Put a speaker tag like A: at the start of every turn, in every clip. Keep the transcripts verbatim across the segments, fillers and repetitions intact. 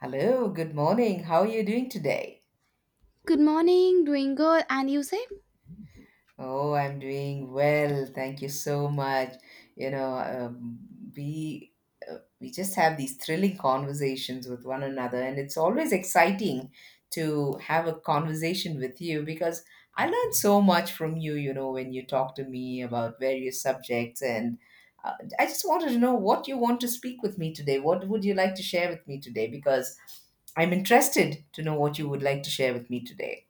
A: Hello, good morning. How are you doing today?
B: Good morning, doing good, and you say?
A: Oh, I'm doing well. Thank you so much. You know, um, we uh, we just have these thrilling conversations with one another, and it's always exciting to have a conversation with you because I learn so much from you. You know, when you talk to me about various subjects, and uh, I just wanted to know what you want to speak with me today. What would you like to share with me today? Because I'm interested to know what you would like to share with me today.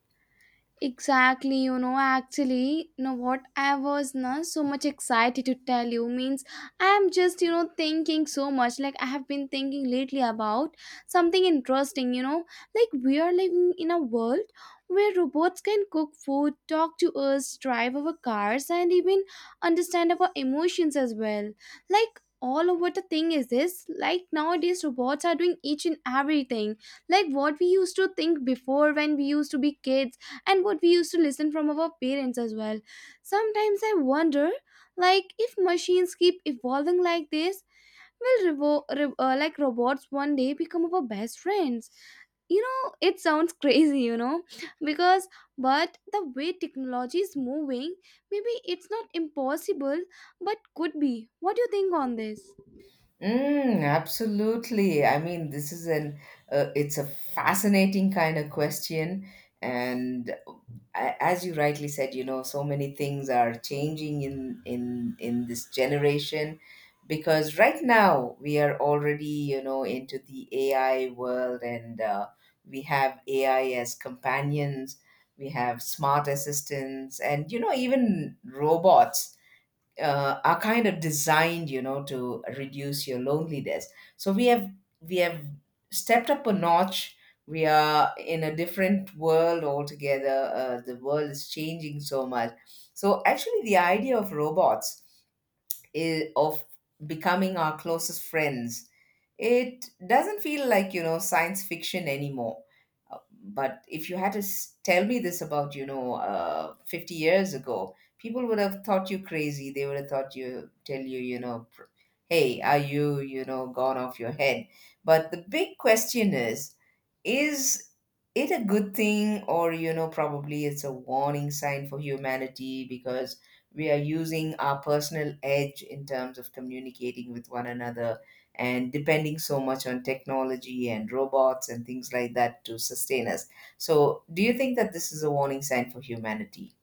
B: Exactly, you know, actually, you know what, I was not so much excited to tell you. Means I'm just, you know, thinking so much. Like, I have been thinking lately about something interesting, you know. Like, we are living in a world where robots can cook food, talk to us, drive our cars, and even understand our emotions as well. Like, all over the thing is this, like, nowadays robots are doing each and everything, like what we used to think before when we used to be kids, and what we used to listen from our parents as well. Sometimes I wonder, like, if machines keep evolving like this, will revo- re- uh, like, robots one day become our best friends? You know, it sounds crazy, you know, because, but the way technology is moving, maybe it's not impossible, but could be. What do you think on this?
A: Mm, absolutely. I mean, this is an uh, it's a fascinating kind of question, and a- as you rightly said, you know, so many things are changing in in in this generation because right now we are already, you know, into the A I world, and uh, we have A I as companions, we have smart assistants, and you know, even robots uh, are kind of designed, you know, to reduce your loneliness. So we have, we have stepped up a notch. We are in a different world altogether. Uh, the world is changing so much. So actually, the idea of robots is of becoming our closest friends, it doesn't feel like, you know, science fiction anymore. But if you had to s- tell me this about, you know, uh, fifty years ago, people would have thought you crazy. They would have thought you, tell you, you know, pr- hey, are you, you know, gone off your head? But the big question is, is it a good thing? Or, you know, probably it's a warning sign for humanity, because we are using our personal edge in terms of communicating with one another and depending so much on technology and robots and things like that to sustain us. So, do you think that this is a warning sign for humanity?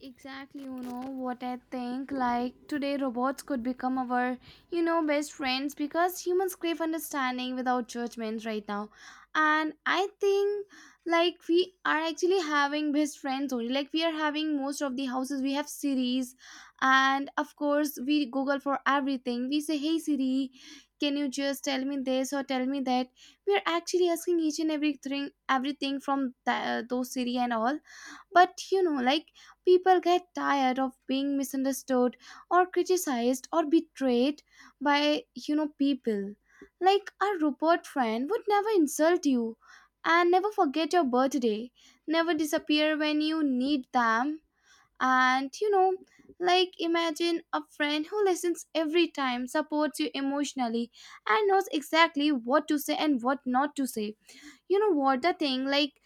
B: Exactly, you know what I think. Like, today robots could become our, you know, best friends, because humans crave understanding without judgment right now. And I think, like, we are actually having best friends only. Like, we are having most of the houses, we have Siri's, and of course, we Google for everything. We say, Hey Siri, can you just tell me this or tell me that? We are actually asking each and everything, everything from the, those Siri and all, but you know, like, people get tired of being misunderstood or criticized or betrayed by, you know, people. Like, our Rupert friend would never insult you, and never forget your birthday, never disappear when you need them. And you know, like, imagine a friend who listens every time, supports you emotionally, and knows exactly what to say and what not to say. You know what the thing, like,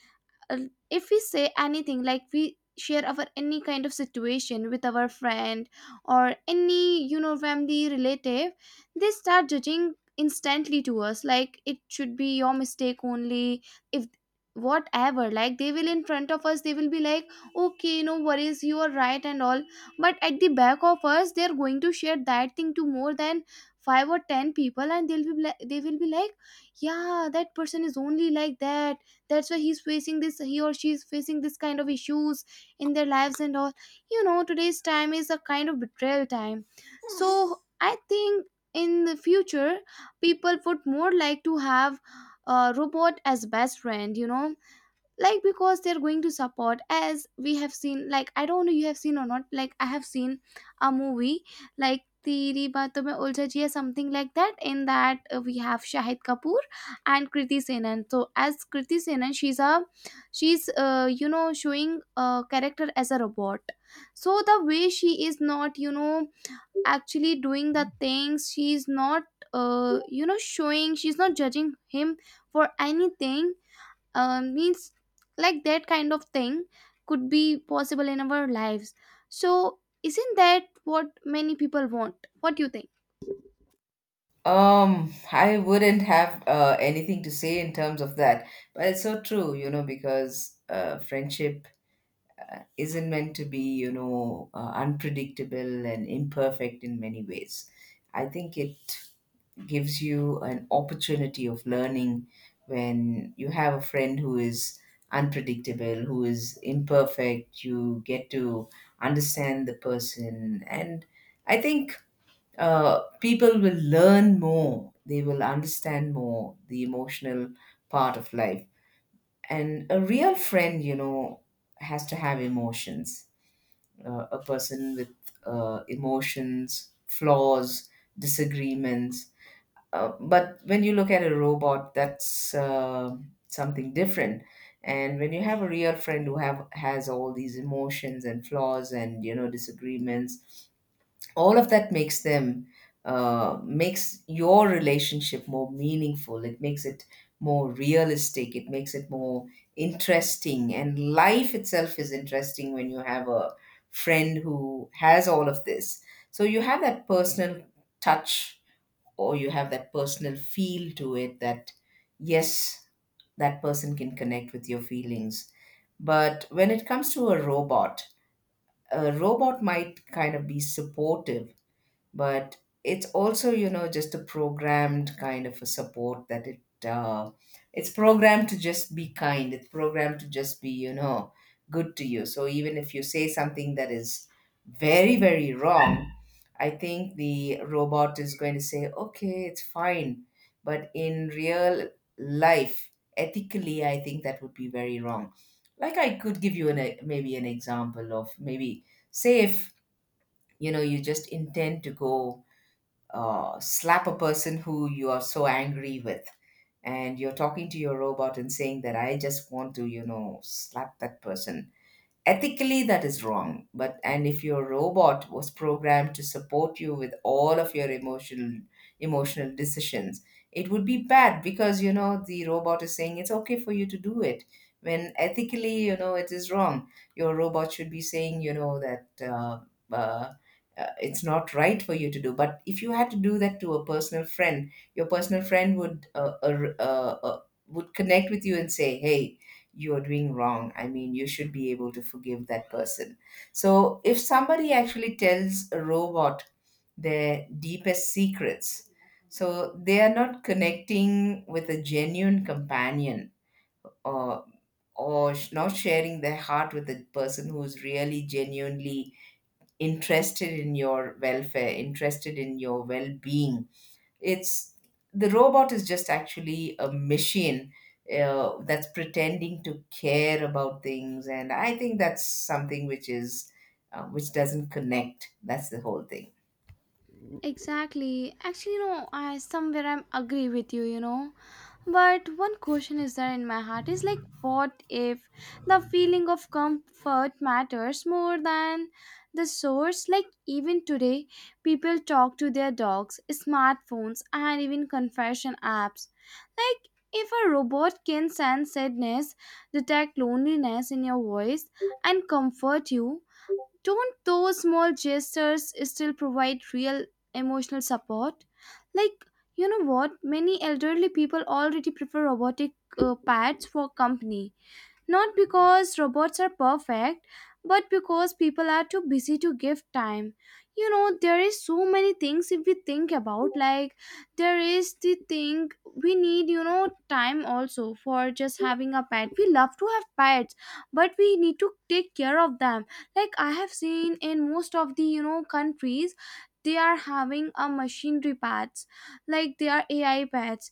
B: uh, if we say anything, like, we share our any kind of situation with our friend or any, you know, family relative, they start judging instantly to us, like, it should be your mistake only. If whatever, like, they will in front of us, they will be like, okay, no worries, you are right and all, but at the back of us, they are going to share that thing to more than five or ten people, and they'll be like, they will be like yeah, that person is only like that, that's why he's facing this, he or she is facing this kind of issues in their lives and all. You know, today's time is a kind of betrayal time. So I think, in the future, people would more like to have a robot as best friend, you know. Like, because they're going to support, as we have seen, like, I don't know you have seen or not, like, I have seen a movie like Teri Baaton Mein Uljha Jiya, something like that. In that, uh, we have Shahid Kapoor and Kriti Senan. So as Kriti Senan, she's a she's uh, you know, showing a character as a robot. So the way she is not, you know, actually doing the things, she's not, uh, you know, showing, she's not judging him for anything. Uh, means, like, that kind of thing could be possible in our lives. So isn't that what many people want? What do you think?
A: Um, I wouldn't have uh, anything to say in terms of that, but it's so true, you know, because uh, friendship isn't meant to be, you know, uh, unpredictable and imperfect in many ways. I think it gives you an opportunity of learning when you have a friend who is unpredictable, who is imperfect. You get to understand the person. And I think uh, people will learn more, they will understand more the emotional part of life. And a real friend, you know, has to have emotions. Uh, a person with uh, emotions, flaws, disagreements, uh, but when you look at a robot, that's uh, something different. And when you have a real friend who have has all these emotions and flaws and, you know, disagreements, all of that makes them, uh, makes your relationship more meaningful. It makes it more realistic. It makes it more interesting. And life itself is interesting when you have a friend who has all of this. So you have that personal touch, or you have that personal feel to it, that yes, that person can connect with your feelings. But when it comes to a robot, a robot might kind of be supportive, but it's also, you know, just a programmed kind of a support, that it uh, it's programmed to just be kind, it's programmed to just be, you know, good to you. So even if you say something that is very, very wrong, I think the robot is going to say, okay, it's fine. But in real life, ethically, I think that would be very wrong. Like, I could give you an e- maybe an example of, maybe say, if, you know, you just intend to go uh, slap a person who you are so angry with, and you're talking to your robot and saying that I just want to, you know, slap that person. Ethically, that is wrong. But, and if your robot was programmed to support you with all of your emotional emotional decisions, it would be bad because, you know, the robot is saying it's okay for you to do it, when ethically, you know, it is wrong. Your robot should be saying, you know, that uh, uh, uh, it's not right for you to do. But if you had to do that to a personal friend, your personal friend would uh, uh, uh, uh, would connect with you and say, hey, you're doing wrong. I mean, you should be able to forgive that person. So, if somebody actually tells a robot their deepest secrets, so they are not connecting with a genuine companion, or or sh- not sharing their heart with a person who's really genuinely interested in your welfare, interested in your well being. It's, the robot is just actually a machine uh, that's pretending to care about things, and I think that's something which is uh, which doesn't connect. That's the whole thing.
B: Exactly. Actually, no, I somewhere I'm agree with you, you know. But one question is there in my heart, is like, what if the feeling of comfort matters more than the source? Like, even today, people talk to their dogs, smartphones, and even confession apps. Like, if a robot can sense sadness, detect loneliness in your voice, and comfort you, don't those small gestures still provide real emotional support? Like, you know what? Many elderly people already prefer robotic uh, pets for company. Not because robots are perfect, but because people are too busy to give time. You know, there is so many things if we think about, like, there is the thing, we need, you know, time also for just having a pet. We love to have pets, but we need to take care of them. Like, I have seen in most of the, you know, countries, they are having a machinery pets, like, they are AI pets,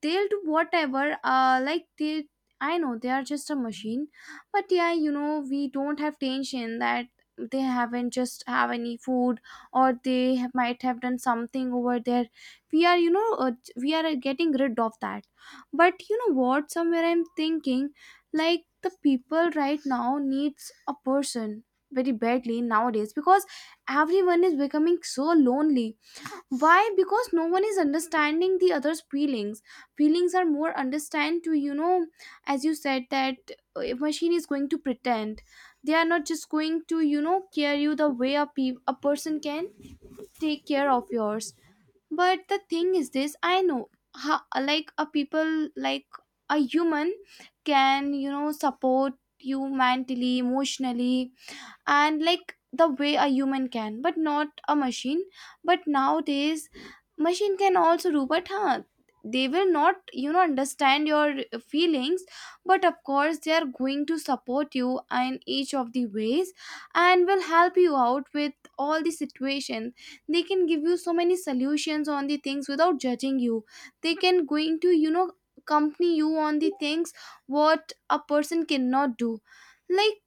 B: they'll do whatever, uh like, they, I know they are just a machine, but yeah, you know, we don't have tension that they haven't just have any food, or they have, might have done something over there. We are, you know, uh, we are uh, getting rid of that. But you know what? Somewhere I'm thinking, like, the people right now needs a person very badly nowadays because everyone is becoming so lonely. Why? Because no one is understanding the other's feelings. Feelings are more understand to, you know, as you said, that a machine is going to pretend, they are not just going to, you know, care you the way a, pe- a person can take care of yours. But the thing is this, I know how, like, a people, like a human, can, you know, support you mentally, emotionally, and like the way a human can, but not a machine. But nowadays machine can also do, but huh, they will not, you know, understand your feelings. But of course, they are going to support you in each of the ways, and will help you out with all the situations. They can give you so many solutions on the things without judging you. They can going to, you know, accompany you on the things what a person cannot do. Like,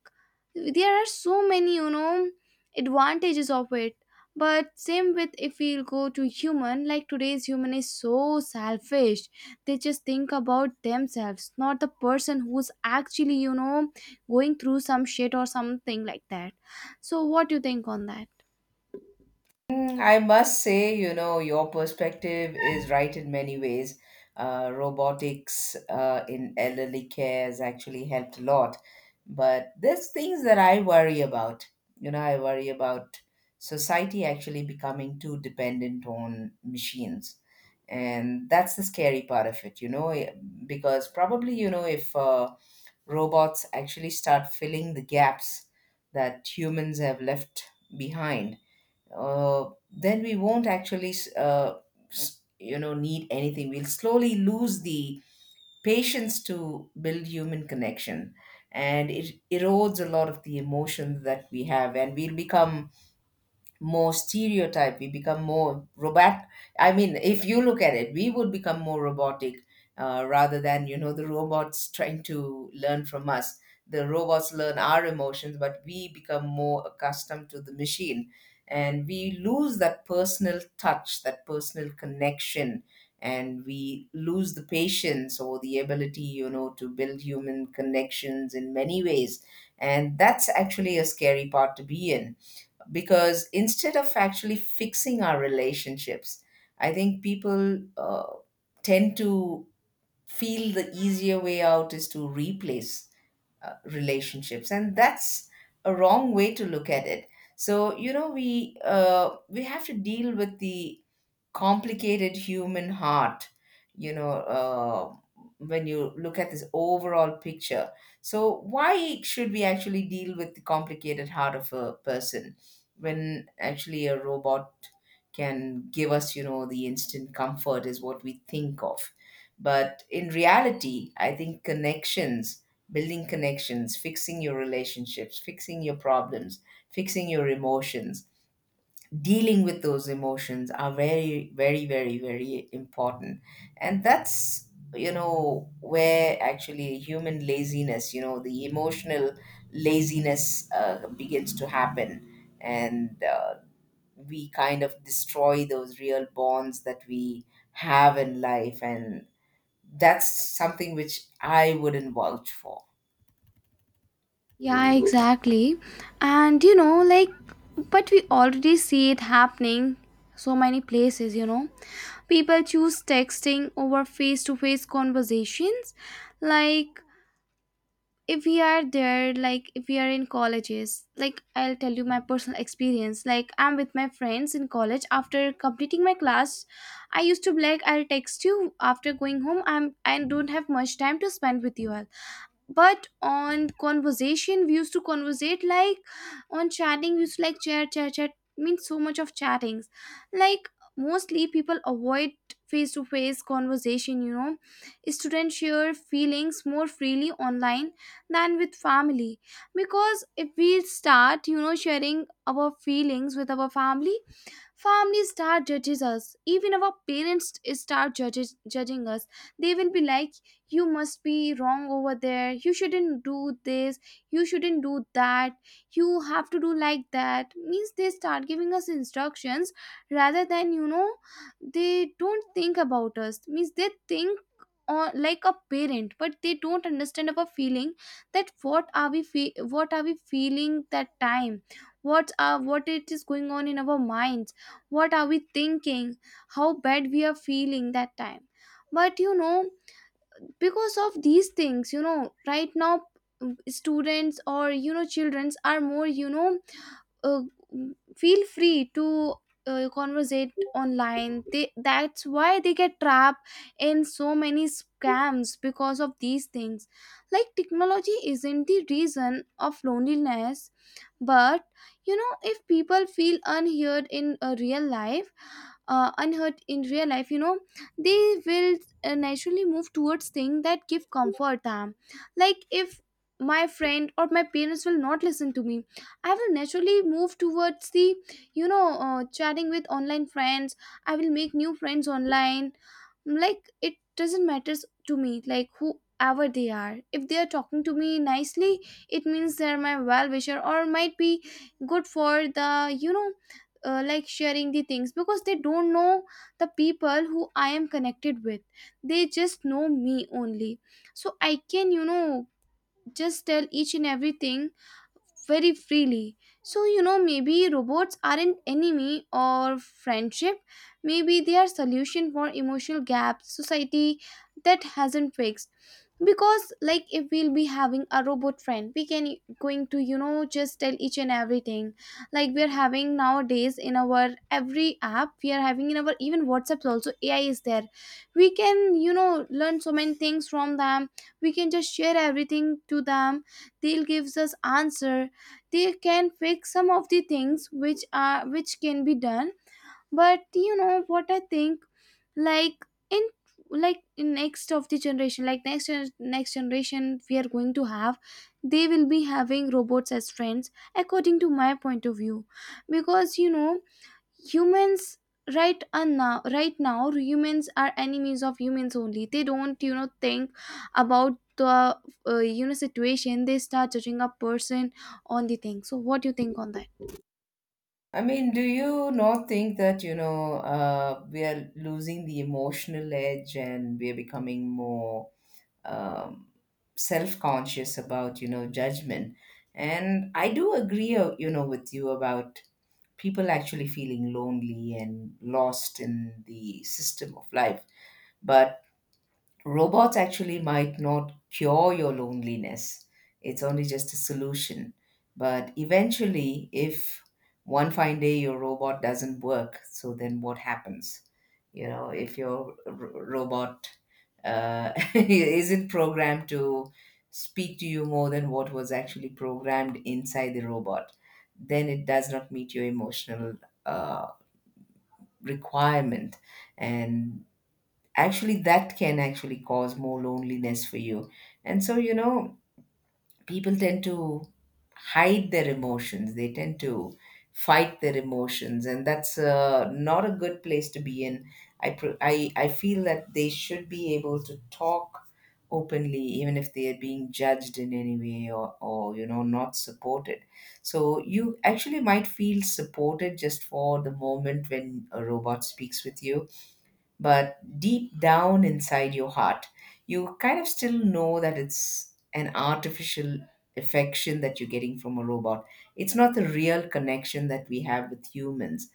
B: there are so many, you know, advantages of it. But same with, if we go to human, like, today's human is so selfish, they just think about themselves, not the person who's actually, you know, going through some shit or something like that. So what do you think on that?
A: Mm, I must say, you know, your perspective is right in many ways. Uh, robotics uh, in elderly care has actually helped a lot. But there's things that I worry about. You know, I worry about society actually becoming too dependent on machines. And that's the scary part of it, you know, eh, because probably, you know, if uh, robots actually start filling the gaps that humans have left behind, uh, then we won't actually uh, s- you know, need anything. We'll slowly lose the patience to build human connection, and it erodes a lot of the emotions that we have, and we'll become more stereotyped, we become more robot. I mean, if you look at it, we would become more robotic uh, rather than, you know, the robots trying to learn from us. The robots learn our emotions, but we become more accustomed to the machine, and we lose that personal touch, that personal connection, and we lose the patience or the ability, you know, to build human connections in many ways. And that's actually a scary part to be in, because instead of actually fixing our relationships, I think people uh, tend to feel the easier way out is to replace uh, relationships, and that's a wrong way to look at it. So, you know, we uh, we have to deal with the complicated human heart, you know, uh, when you look at this overall picture. So why should we actually deal with the complicated heart of a person, when actually a robot can give us, you know, the instant comfort, is what we think of. But in reality, I think connections, building connections, fixing your relationships, fixing your problems, fixing your emotions, dealing with those emotions, are very, very, very, very important. And that's, you know, where actually human laziness, you know, the emotional laziness uh, begins to happen. And uh, we kind of destroy those real bonds that we have in life, and that's something which I wouldn't vouch for.
B: Yeah, exactly. And you know, like, but we already see it happening so many places, you know. People choose texting over face to face conversations. Like, if we are there, like, if we are in colleges, like, I'll tell you my personal experience. Like, I'm with my friends in college, after completing my class I used to be like, I'll text you after going home, I'm, I don't have much time to spend with you all. But on conversation we used to conversate, like, on chatting we used to, like, chat chat chat. Means so much of chattings. Like, mostly people avoid face to face conversation, you know. Students share feelings more freely online than with family, because if we start, you know, sharing our feelings with our family, families start judges us. Even our parents start judges, judging us. They will be like, "You must be wrong over there. You shouldn't do this. You shouldn't do that. You have to do like that." Means they start giving us instructions, rather than, you know, they don't think about us. Means they think or like a parent, but they don't understand our feeling, that what are we fe- what are we feeling that time, what are what it is going on in our minds, what are we thinking, how bad we are feeling that time. But you know, because of these things, you know, right now, mm, students or, you know, childrens are more, you know, uh, feel free to, uh, conversate online. They, that's why they get trapped in so many scams because of these things. Like, technology isn't the reason of loneliness, but you know, if people feel unheard in a real life, uh, unheard in real life, you know, they will, uh, naturally move towards things that give comfort them. Like, if my friend or my parents will not listen to me, I will naturally move towards the, you know, uh, chatting with online friends. I will make new friends online. Like, it doesn't matters to me, like, whoever they are. If they are talking to me nicely, it means they're my well wisher, or might be good for the, you know, uh, like, sharing the things because they don't know the people who I am connected with. They just know me only, so I can, you know, just tell each and everything very freely. So you know maybe robots aren't enemy or friendship. Maybe they are solution for emotional gaps society that hasn't fixed, because like if we'll be having a robot friend, we can going to you know just tell each and everything, like we are having nowadays in our every app, we are having in our even whatsapps also AI is there. We can you know learn so many things from them. We can just share everything to them. They'll gives us answer. They can fix some of the things which are which can be done. But you know what I think, like in like in next of the generation, like next gen- next generation, we are going to have, they will be having robots as friends according to my point of view. Because you know humans, right and now right now humans are enemies of humans only. They don't you know think about the, uh, you know situation. They start judging a person on the thing. So what do you think on that?
A: I mean, do you not think that, you know, uh, we are losing the emotional edge, and we are becoming more um, self conscious about, you know, judgment? And I do agree, uh, you know, with you about people actually feeling lonely and lost in the system of life. But robots actually might not cure your loneliness. It's only just a solution. But eventually, if one fine day your robot doesn't work, so then what happens? You know, if your r- robot uh, isn't programmed to speak to you more than what was actually programmed inside the robot, then it does not meet your emotional uh, requirement. And actually that can actually cause more loneliness for you. And so, you know, people tend to hide their emotions, they tend to fight their emotions, and that's uh, not a good place to be in. I, pr- I I feel that they should be able to talk openly, even if they are being judged in any way, or, or, you know, not supported. So you actually might feel supported just for the moment when a robot speaks with you, but deep down inside your heart, you kind of still know that it's an artificial affection that you're getting from a robot. It's not the real connection that we have with humans.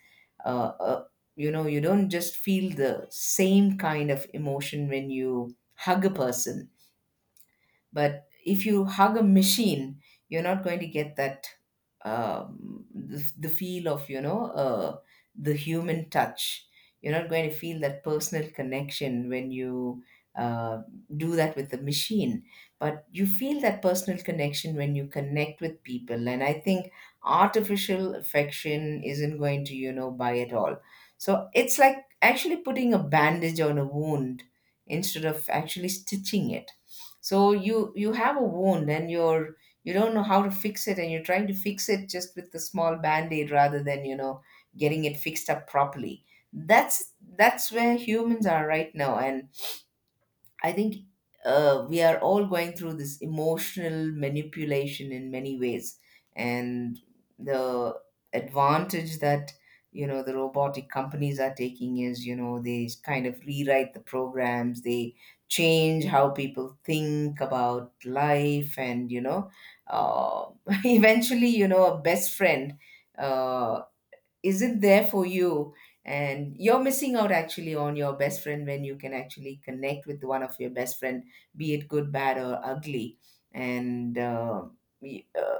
A: Uh, uh, you know, you don't just feel the same kind of emotion when you hug a person, but if you hug a machine, you're not going to get that um, the, the feel of, you know, uh, the human touch. You're not going to feel that personal connection when you uh, do that with the machine. But you feel that personal connection when you connect with people, and I think artificial affection isn't going to, you know, buy at all. So it's like actually putting a bandage on a wound instead of actually stitching it. So you you have a wound and you're you don't know how to fix it, and you're trying to fix it just with a small band-aid rather than you know getting it fixed up properly. That's that's where humans are right now. And I think uh, we are all going through this emotional manipulation in many ways, and the advantage that you know the robotic companies are taking is you know they kind of rewrite the programs, they change how people think about life. And you know uh, eventually you know a best friend Uh, isn't there for you, and you're missing out actually on your best friend when you can actually connect with one of your best friend, be it good bad or ugly. And uh, y- uh,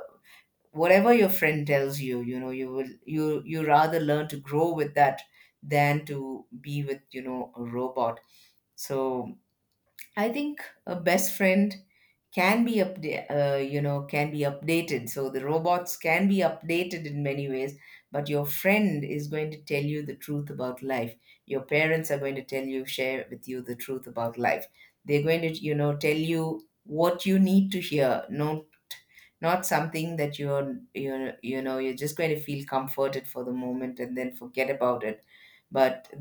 A: whatever your friend tells you, you know you will you you rather learn to grow with that than to be with you know a robot. So I think a best friend can be upda- uh, you know can be updated, so the robots can be updated in many ways. But your friend is going to tell you the truth about life, your parents are going to tell you share with you the truth about life. They're going to you know tell you what you need to hear, not not something that you're you you know you're just going to feel comforted for the moment and then forget about it. But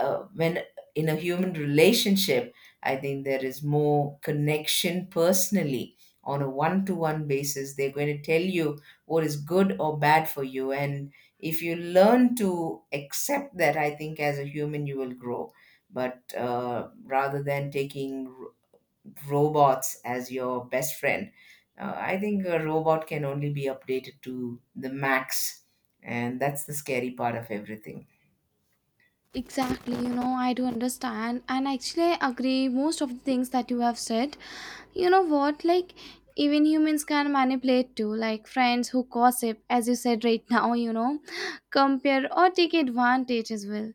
A: uh, when in a human relationship, I think there is more connection personally. On a one to one basis they're going to tell you what is good or bad for you, and if you learn to accept that, I think as a human you will grow. But uh, rather than taking robots as your best friend. Uh, I think a robot can only be updated to the max, and that's the scary part of everything.
B: Exactly, you know, I do understand, and actually, I agree most of the things that you have said. You know what, like, even humans can manipulate too, like friends who gossip, as you said right now, you know, compare or take advantage as well.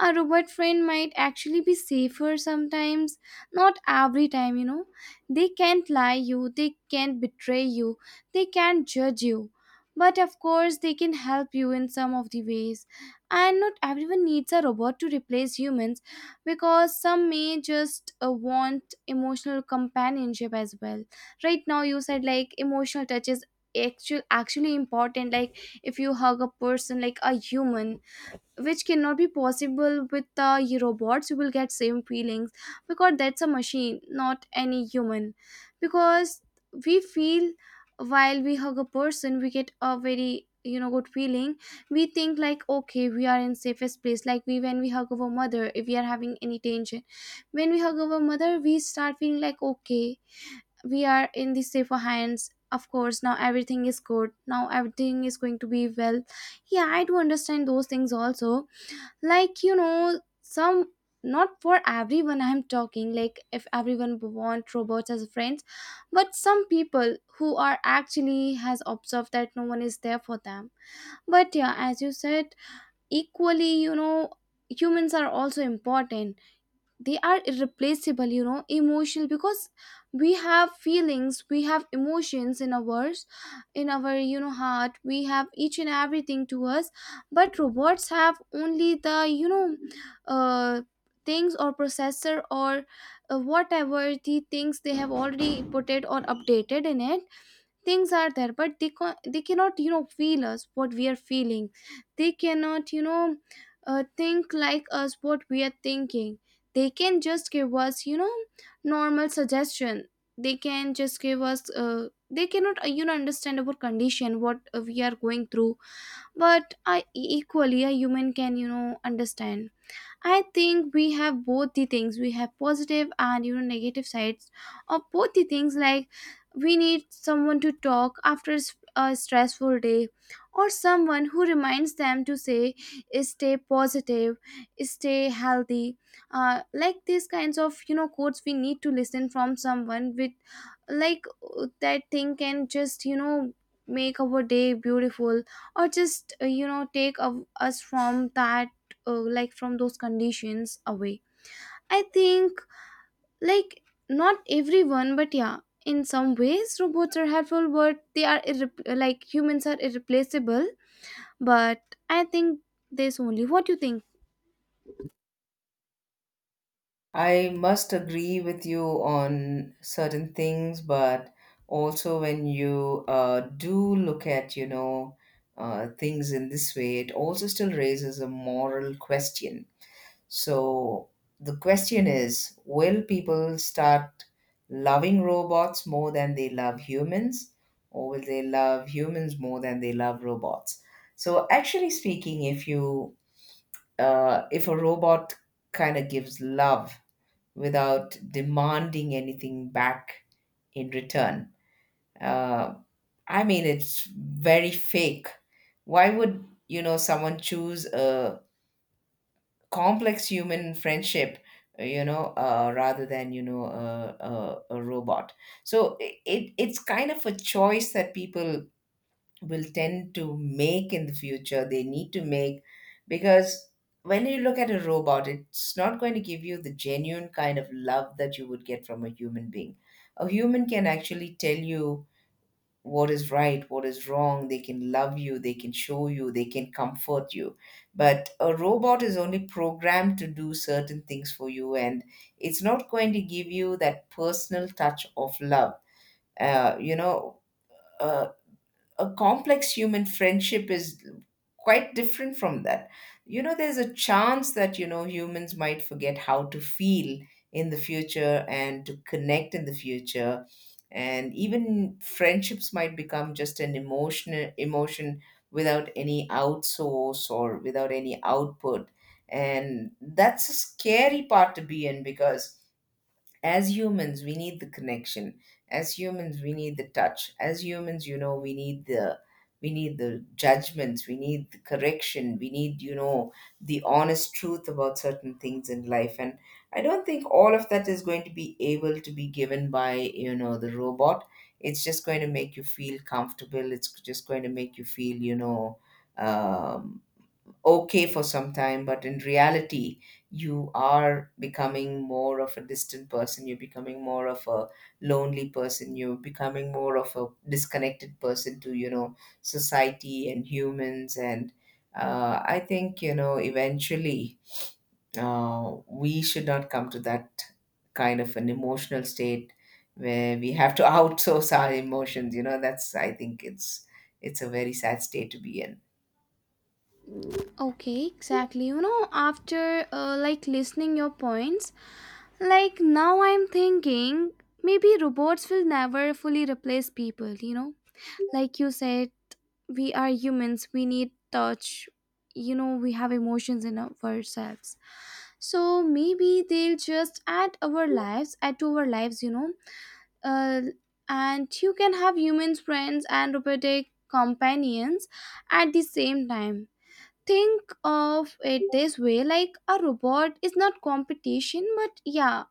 B: A robot friend might actually be safer sometimes, not every time, you know. They can't lie you, they can't betray you, they can't judge you, but of course, they can help you in some of the ways. And not everyone needs a robot to replace humans, because some may just uh, want emotional companionship as well. Right now you said like emotional touch is actual actually important. Like if you hug a person like a human, which cannot be possible with the y- robots, you will get same feelings, because that's a machine, not any human. Because we feel, while we hug a person we get a very you know good feeling. We think like okay, we are in safest place, like we when we hug our mother, if we are having any tension, when we hug our mother we start feeling like okay, we are in the safer hands. Of course now everything is good, now everything is going to be well. Yeah, I do understand those things also, like you know some, not for everyone. I'm talking like if everyone want robots as friends, but some people who are actually has observed that no one is there for them. But yeah, as you said, equally, you know humans are also important. They are irreplaceable, you know emotional, because we have feelings, we have emotions in ours in our you know heart. We have each and everything to us. But robots have only the, you know uh, things or processor or uh, whatever the things they have already put it or updated in it. Things are there but they can they cannot you know feel us what we are feeling. They cannot you know uh, think like us what we are thinking. They can just give us you know normal suggestion. They can just give us uh, They cannot uh, you know understand our condition what uh, we are going through. But I equally a human can you know understand. I think we have both the things. We have positive and you know negative sides of both the things. Like we need someone to talk after s- a stressful day, or someone who reminds them to say, "Stay positive, stay healthy." Uh, like these kinds of you know quotes, we need to listen from someone with, like, uh, that thing can just you know make our day beautiful, or just uh, you know take of us from that uh, like from those conditions away. I think, like, not everyone but yeah, in some ways robots are helpful, but they are irre- like humans are irreplaceable. But I think this only. What do you think?
A: I must agree with you on certain things, but also when you uh, do look at, you know, uh, things in this way, it also still raises a moral question. So the question is, will people start loving robots more than they love humans, or will they love humans more than they love robots? So, actually speaking, if you uh, if a robot kind of gives love without demanding anything back in return, uh, I mean, it's very fake. Why would you know someone choose a complex human friendship, you know uh, rather than you know a, a, a robot? So it it's kind of a choice that people will tend to make in the future, they need to make, because when you look at a robot, it's not going to give you the genuine kind of love that you would get from a human being. A human can actually tell you what is right, what is wrong. They can love you, they can show you, they can comfort you. But a robot is only programmed to do certain things for you, and it's not going to give you that personal touch of love. Uh, you know, uh, a complex human friendship is quite different from that. You know, there's a chance that, you know, humans might forget how to feel in the future and to connect in the future. And even friendships might become just an emotional emotion without any outsource or without any output. And that's a scary part to be in, because as humans we need the connection, as humans we need the touch, as humans you know we need the we need the judgments, we need the correction, we need you know the honest truth about certain things in life. And I don't think all of that is going to be able to be given by you know the robot. It's just going to make you feel comfortable, it's just going to make you feel you know um, okay for some time, but in reality, you are becoming more of a distant person. You're becoming more of a lonely person. You're becoming more of a disconnected person to, you know, society and humans. And uh, I think, you know, eventually uh, we should not come to that kind of an emotional state where we have to outsource our emotions. You know, that's, I think it's, it's a very sad state to be in.
B: Okay, exactly, you know after uh, like listening your points, like now I'm thinking maybe robots will never fully replace people you know Like you said, we are humans, we need touch you know We have emotions in our- ourselves. So maybe they'll just add our lives add to our lives you know uh, and you can have humans friends and robotic companions at the same time. Think of it this way, like a robot is not competition, but yeah,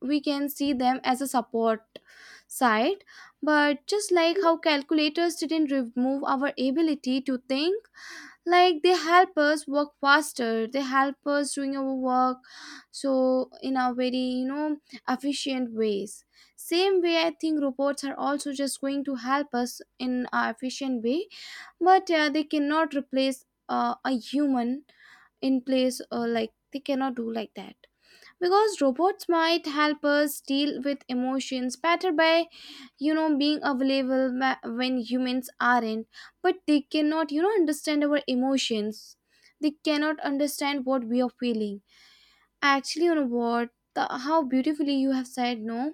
B: we can see them as a support side. But just like how calculators didn't remove our ability to think, like they help us work faster, they help us doing our work, so in a very you know efficient ways. Same way I think robots are also just going to help us in a efficient way. But uh, they cannot replace uh, a human in place, or like they cannot do like that. Because robots might help us deal with emotions better by you know being available ma- when humans aren't. But they cannot you know understand our emotions. They cannot understand what we are feeling. Actually, you know what, the, how beautifully you have said, no,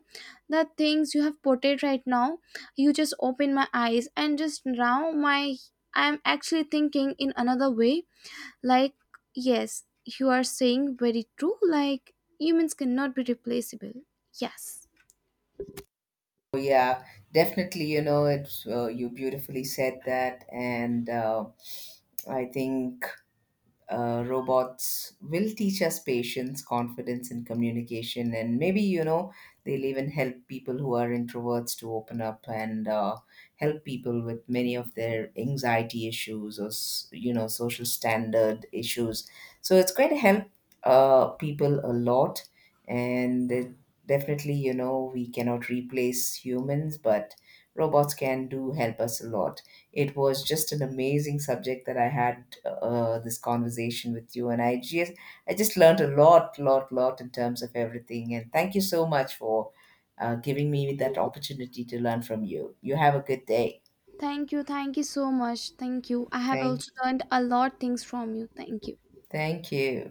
B: the things you have portrayed right now, you just open my eyes. And just now my I'm actually thinking in another way. Like, yes, you are saying very true, like humans cannot be replaceable. Yes.
A: So, yeah, definitely. You know, it's uh, you beautifully said that, and uh, I think uh, robots will teach us patience, confidence, and communication. And maybe, you know, they'll even help people who are introverts to open up, and uh, help people with many of their anxiety issues or, s- you know, social standard issues. So it's going to help uh, people a lot. And it, definitely, you know, we cannot replace humans, but robots can do help us a lot. It was just an amazing subject that I had uh, this conversation with you, and I just I just learned a lot, lot, lot in terms of everything. And thank you so much for uh, giving me that opportunity to learn from you. You have a good day.
B: Thank you. Thank you so much. Thank you. I have
A: Thank,
B: also learned a lot things from you. Thank you.
A: thank you.